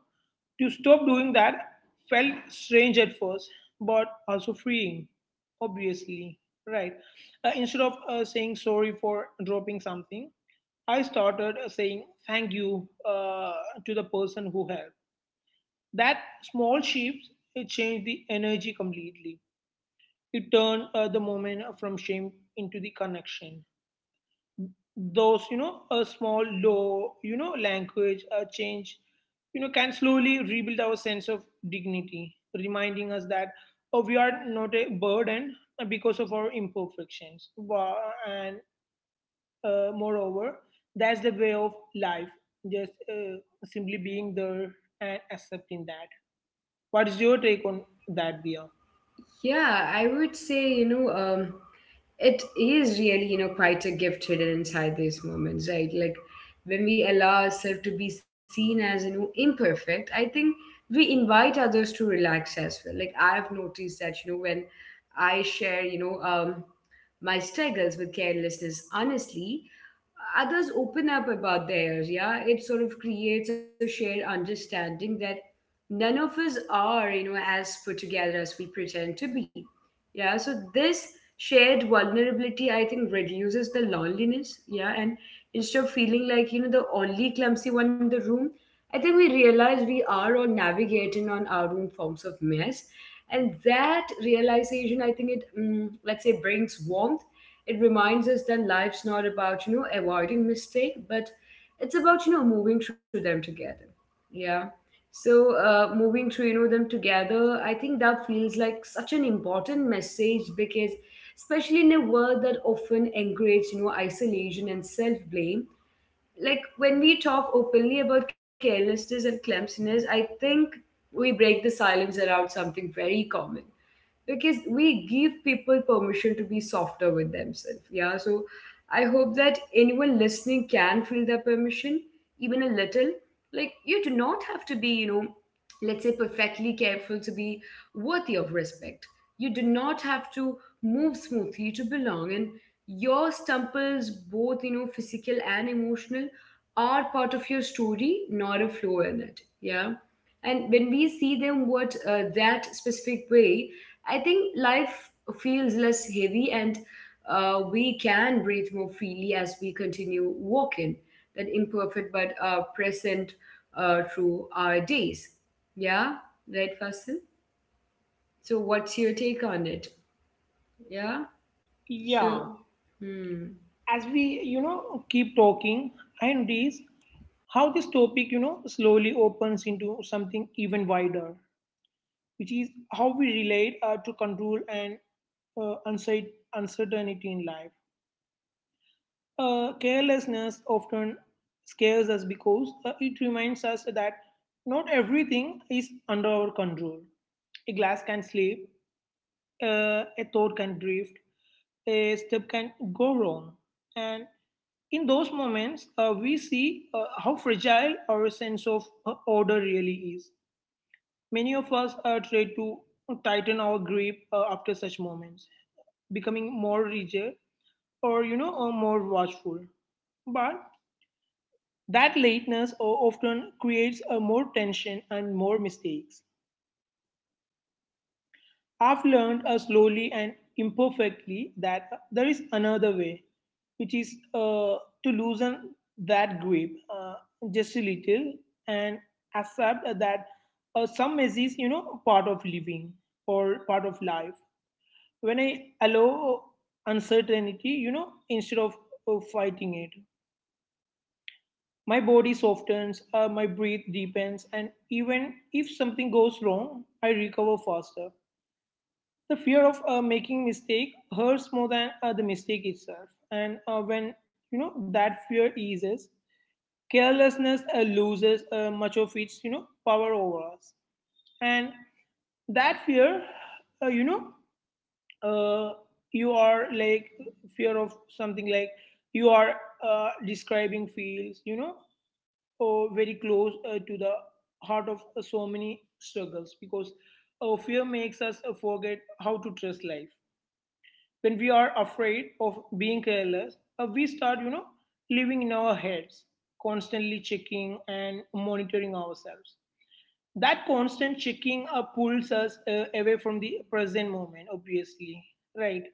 Speaker 2: to stop doing that felt strange at first, but also freeing, obviously, right? Uh, instead of uh, saying sorry for dropping something, I started uh, saying thank you uh, to the person who helped. That small shift, it changed the energy completely. It turned uh, the moment from shame into the connection. Those, you know, a small low, you know, language uh, change, you know, can slowly rebuild our sense of dignity, reminding us that, oh, we are not a burden because of our imperfections. Wa- and uh, moreover, that's the way of life, just uh, simply being there and accepting that. What is your take on that, Bia?
Speaker 1: Yeah, I would say, you know, um, it is really, you know, quite a gift hidden inside these moments, right? Like when we allow ourselves to be seen as, you know, imperfect, I think we invite others to relax as well. Like I've noticed that, you know, when I share, you know, um, my struggles with carelessness honestly, others open up about theirs. Yeah, it sort of creates a shared understanding that none of us are, you know, as put together as we pretend to be. Yeah, so this shared vulnerability, I think, reduces the loneliness. Yeah, and instead of feeling like, you know, the only clumsy one in the room, I think we realize we are all navigating on our own forms of mess. And that realization, I think, it, mm, let's say, brings warmth. It reminds us that life's not about, you know, avoiding mistake, but it's about, you know, moving through them together. Yeah. So uh, moving through, you know, them together, I think that feels like such an important message, because especially in a world that often encourages, you know, isolation and self-blame, like when we talk openly about carelessness and clumsiness, I think we break the silence around something very common, because we give people permission to be softer with themselves. Yeah, so I hope that anyone listening can feel the permission, even a little. Like you do not have to be, you know, let's say, perfectly careful to be worthy of respect. You do not have to move smoothly to belong. And your stumbles, both, you know, physical and emotional, are part of your story, not a flaw in it. Yeah. And when we see them what, uh, that specific way, I think life feels less heavy, and uh, we can breathe more freely as we continue walking, that imperfect but uh, present, uh, through our days. Yeah, right, Fasil? So, what's your take on it? Yeah, so,
Speaker 2: Yeah,
Speaker 1: hmm.
Speaker 2: as we, you know, keep talking, I notice how this topic, you know, slowly opens into something even wider, which is how we relate uh, to control and uh, uncer- uncertainty in life. Uh, carelessness often scares us because uh, it reminds us that not everything is under our control. A glass can slip, uh, a thought can drift, a step can go wrong. And in those moments, uh, we see uh, how fragile our sense of uh, order really is. Many of us uh, try to tighten our grip uh, after such moments, becoming more rigid or, you know, uh, more watchful. But that lateness uh, often creates uh, more tension and more mistakes. I've learned uh, slowly and imperfectly that uh, there is another way, which is uh, to loosen that grip, uh, just a little, and accept that uh, some mess is, you know, part of living or part of life. When I allow uncertainty, you know, instead of uh, fighting it, my body softens, uh, my breath deepens, and even if something goes wrong, I recover faster. The fear of uh, making mistake hurts more than uh, the mistake itself. And uh, when you know that fear eases, carelessness uh, loses uh, much of its, you know, power over us. And that fear, uh, you know, uh, you are like fear of something like you are uh, describing feels, you know, or very close uh, to the heart of uh, so many struggles, because uh, fear makes us uh, forget how to trust life. When we are afraid of being careless, uh, we start, you know, living in our heads, constantly checking and monitoring ourselves. That constant checking uh, pulls us uh, away from the present moment, obviously, right?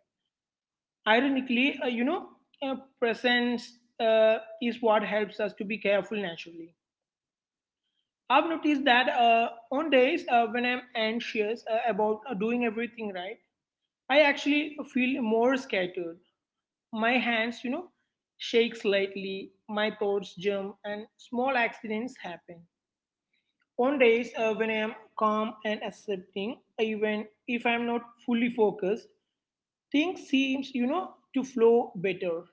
Speaker 2: Ironically, uh, you know, uh, presence uh, is what helps us to be careful naturally. I've noticed that uh, on days uh, when I'm anxious uh, about uh, doing everything right, I actually feel more scattered. My hands, you know, shake slightly, my thoughts jump, and small accidents happen. On days uh, when I am calm and accepting, even if I am not fully focused, things seems, you know, to flow better.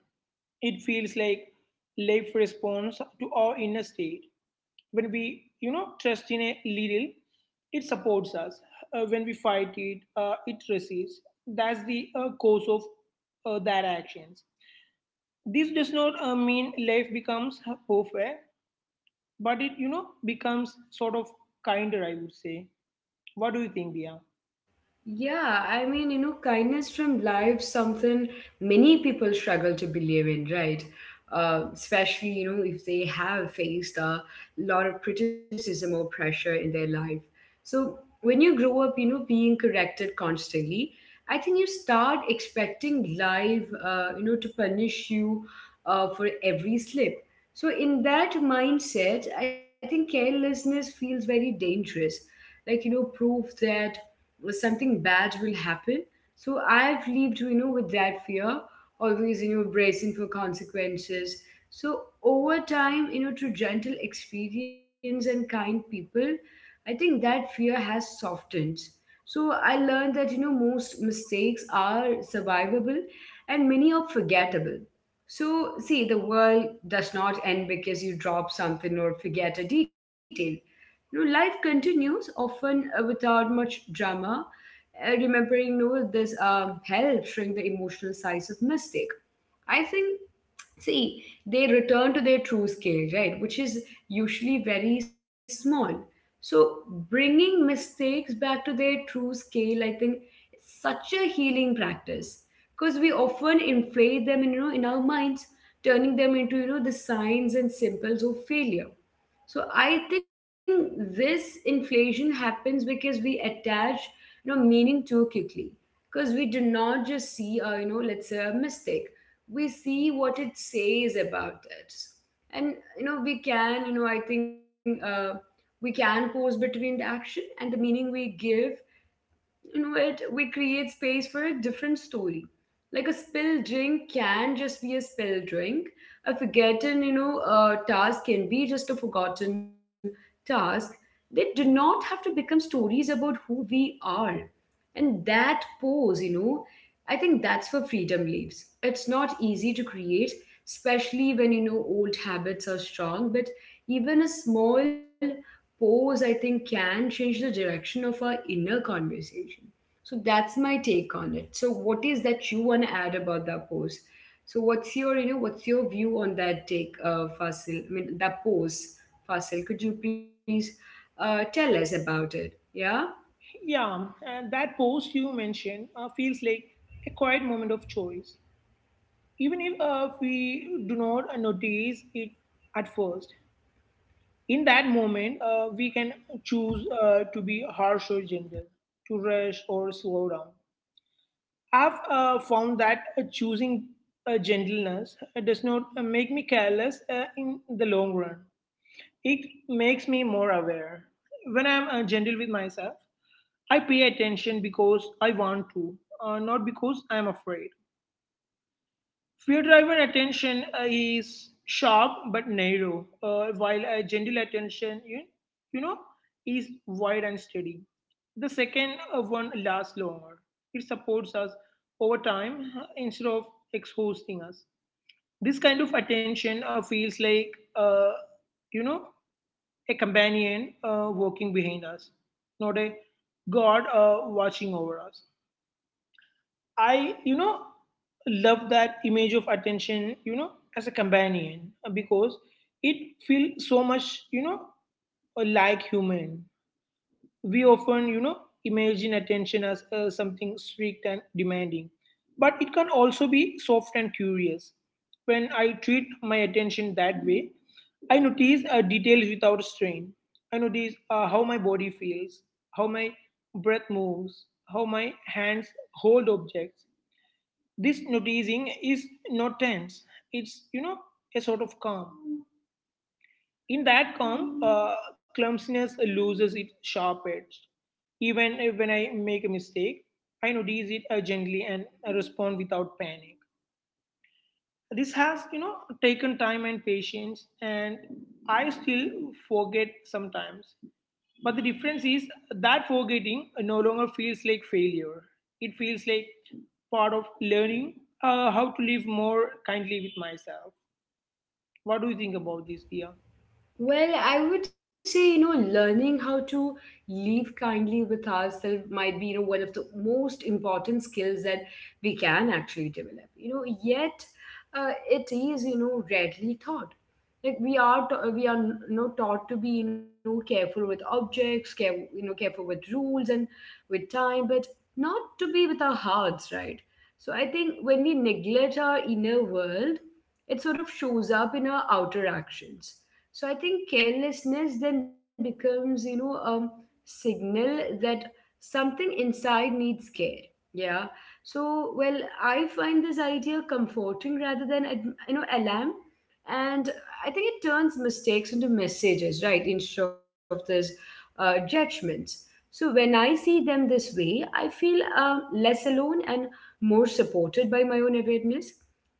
Speaker 2: It feels like life responds to our inner state. When we, you know, trust in a little, it supports us. Uh, when we fight it, uh, it resists. That's the uh, cause of uh, that actions. This does not uh, mean life becomes perfect, but it, you know, becomes sort of kinder, I would say. What do you think, Dia?
Speaker 1: Yeah, I mean, you know, kindness from life, something many people struggle to believe in, right? Uh, especially, you know, if they have faced a lot of criticism or pressure in their life. So when you grow up, you know, being corrected constantly, I think you start expecting life, uh, you know, to punish you uh, for every slip. So in that mindset, I think carelessness feels very dangerous. Like, you know, proof that something bad will happen. So I've lived, you know, with that fear, always, you know, bracing for consequences. So over time, you know, through gentle experience and kind people, I think that fear has softened. So I learned that, you know, most mistakes are survivable, and many are forgettable. So, see, the world does not end because you drop something or forget a detail. You know, life continues often uh, without much drama. Uh, remembering, you know, this um, helps shrink the emotional size of mistake. I think, see, they return to their true scale, right, which is usually very small. So bringing mistakes back to their true scale, I think, is such a healing practice, because we often inflate them, in, you know, in our minds, turning them into, you know, the signs and symbols of failure. So I think this inflation happens because we attach, you know, meaning too quickly. Because we do not just see, a, you know, let's say, a mistake. We see what it says about it, and you know, we can, you know, I think uh, we can pause between the action and the meaning we give, you know it, we create space for a different story. Like a spilled drink can just be a spilled drink. A forgotten, you know, uh, task can be just a forgotten task. They do not have to become stories about who we are. And that pose, you know, I think that's where freedom lives. It's not easy to create, especially when, you know, old habits are strong, but even a small pose, I think, can change the direction of our inner conversation. So that's my take on it. So what is that you want to add about that pose? So what's your, you know, what's your view on that take, uh, Fasil? I mean, that pose, Fasil. Could you please uh, tell us about it? Yeah.
Speaker 2: Yeah, uh, that post you mentioned uh, feels like a quiet moment of choice, even if uh, we do not uh, notice it at first. In that moment, uh, we can choose uh, to be harsh or gentle, to rush or slow down. I've uh, found that uh, choosing uh, gentleness uh, does not uh, make me careless uh, in the long run. It makes me more aware. When I'm uh, gentle with myself, I pay attention because I want to, uh, not because I'm afraid. Fear driven attention uh, is sharp but narrow, uh, while uh, gentle attention, you, you know, is wide and steady. The second uh, one lasts longer. It supports us over time uh, instead of exhausting us. This kind of attention uh, feels like, uh, you know, a companion uh, walking behind us, not a God uh, watching over us. I, you know, love that image of attention, you know, as a companion uh, because it feels so much, you know, uh, like human. We often, you know, imagine attention as uh, something strict and demanding, but it can also be soft and curious. When I treat my attention that way, I notice uh, details without strain. I notice uh, how my body feels, how my breath moves, how my hands hold objects. This noticing is not tense. It's, you know, a sort of calm. In that calm, uh, clumsiness loses its sharp edge. Even if- When I make a mistake, I notice it uh, gently and I respond without panic. This has, you know, taken time and patience, and I still forget sometimes, but the difference is that forgetting no longer feels like failure. It feels like part of learning uh, how to live more kindly with myself. What do you think about this, Dia?
Speaker 1: Well, I would say, you know, learning how to live kindly with ourselves might be, you know, one of the most important skills that we can actually develop. You know, yet uh, it is, you know, rarely taught. Like we are, ta- we are, you know, taught to be, you know, careful with objects, care, you know, careful with rules and with time, but not to be with our hearts, right? So I think when we neglect our inner world, it sort of shows up in our outer actions. So I think carelessness then becomes, you know, a signal that something inside needs care. Yeah. So, well, I find this idea comforting rather than, ad- you know, alarm. And I think it turns mistakes into messages, right? Instead of this uh, judgments. So when I see them this way, I feel uh, less alone and more supported by my own awareness.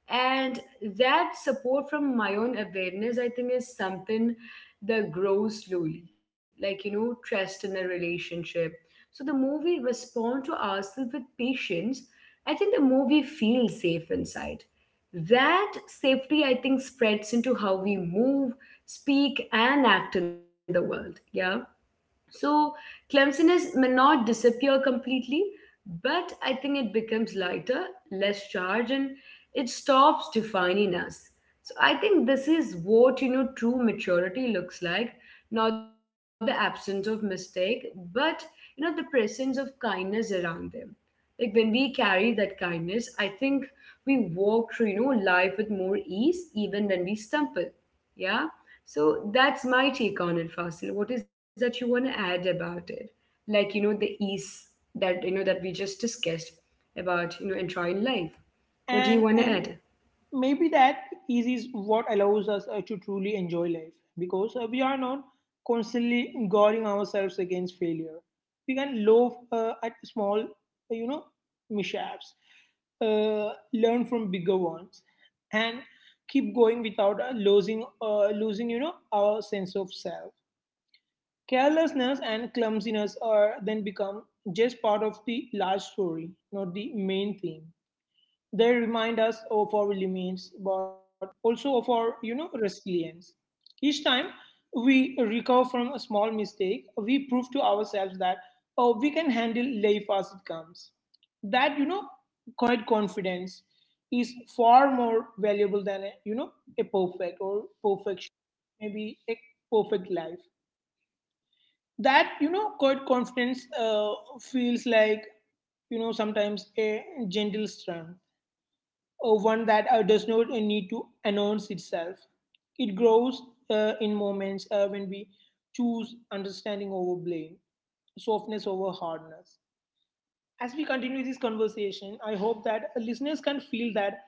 Speaker 1: And that support from my own awareness, I think, is something that grows slowly, like, you know, trust in a relationship. So the more we respond to ourselves with patience, I think the more we feel safe inside. That safety, I think, spreads into how we move, speak, and act in the world. Yeah. So clumsiness may not disappear completely, but I think it becomes lighter, less charged, and it stops defining us. So I think this is what, you know, true maturity looks like, not the absence of mistake, but, you know, the presence of kindness around them. Like when we carry that kindness, I think we walk through, you know, life with more ease, even when we stumble. Yeah. So that's my take on it, Fasil. What is that you want to add about it? Like, you know, the ease that, you know, that we just discussed about, you know, enjoying life. What do you
Speaker 2: And
Speaker 1: want to
Speaker 2: um,
Speaker 1: add?
Speaker 2: maybe that is is what allows us uh, to truly enjoy life, because uh, we are not constantly guarding ourselves against failure. We can laugh uh, at small, uh, you know, mishaps, uh, learn from bigger ones, and keep going without uh, losing uh, losing, you know, our sense of self. Carelessness and clumsiness are then become just part of the large story, not the main theme. They remind us of our limits, but also of our, you know, resilience. Each time we recover from a small mistake, we prove to ourselves that, oh, we can handle life as it comes. That, you know, quiet confidence is far more valuable than a, you know, a perfect or perfection, maybe a perfect life. That, you know, quiet confidence uh, feels like, you know, sometimes a gentle strength, uh, one that uh, does not uh, need to announce itself. It grows uh, in moments uh, when we choose understanding over blame, softness over hardness. As we continue this conversation, I hope that listeners can feel that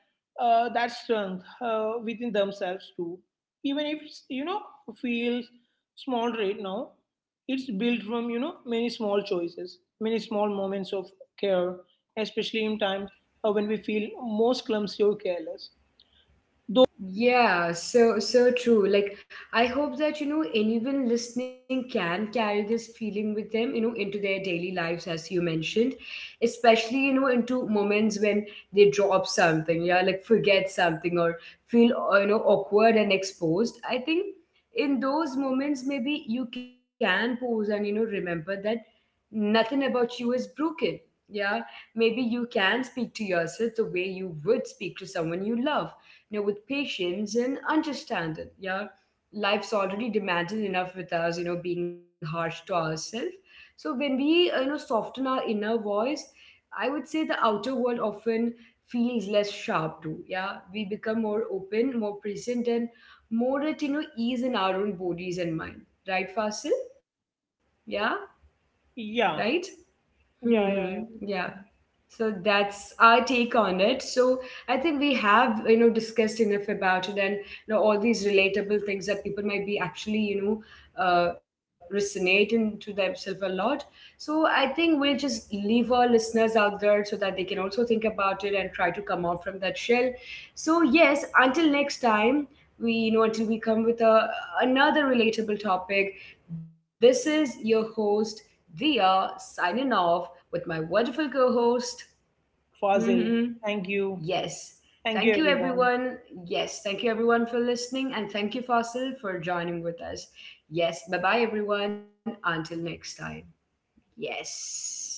Speaker 2: uh, that strength uh, within themselves too. Even if it's, you know, feels small right now, it's built from, you know, many small choices, many small moments of care, especially in times uh, when we feel most clumsy or careless. Though,
Speaker 1: Yeah, so so true. Like I hope that, you know, anyone listening can carry this feeling with them, you know, into their daily lives as you mentioned, especially, you know, into moments when they drop something, yeah, like forget something or feel, uh, you know, awkward and exposed. I think in those moments maybe you can pause and, you know, remember that nothing about you is broken. Yeah, maybe you can speak to yourself the way you would speak to someone you love, you know, with patience and understanding. Yeah, life's already demanding enough with us, you know, being harsh to ourselves. So when we, uh, you know, soften our inner voice, I would say the outer world often feels less sharp too. Yeah, we become more open, more present, and more at, you know, ease in our own bodies and mind. Right, Fasil? Yeah, right.
Speaker 2: yeah,
Speaker 1: Hmm. Hmm.
Speaker 2: yeah, yeah, yeah.
Speaker 1: Yeah. So that's our take on it. So I think we have, you know, discussed enough about it, and you know, all these relatable things that people might be actually, you know, uh, resonating to themselves a lot. So I think we'll just leave our listeners out there so that they can also think about it and try to come out from that shell. So yes, until next time, we you know until we come with a another relatable topic. This is your host Dia signing off with my wonderful co host.
Speaker 2: Fazil,
Speaker 1: Hmm.
Speaker 2: thank you,
Speaker 1: Yes.
Speaker 2: thank you,
Speaker 1: Thank you,
Speaker 2: everyone.
Speaker 1: everyone. Yes. Thank you, everyone, for listening. And thank you, Fasil, for joining with us. Yes. Bye bye, everyone. Until next time. Yes.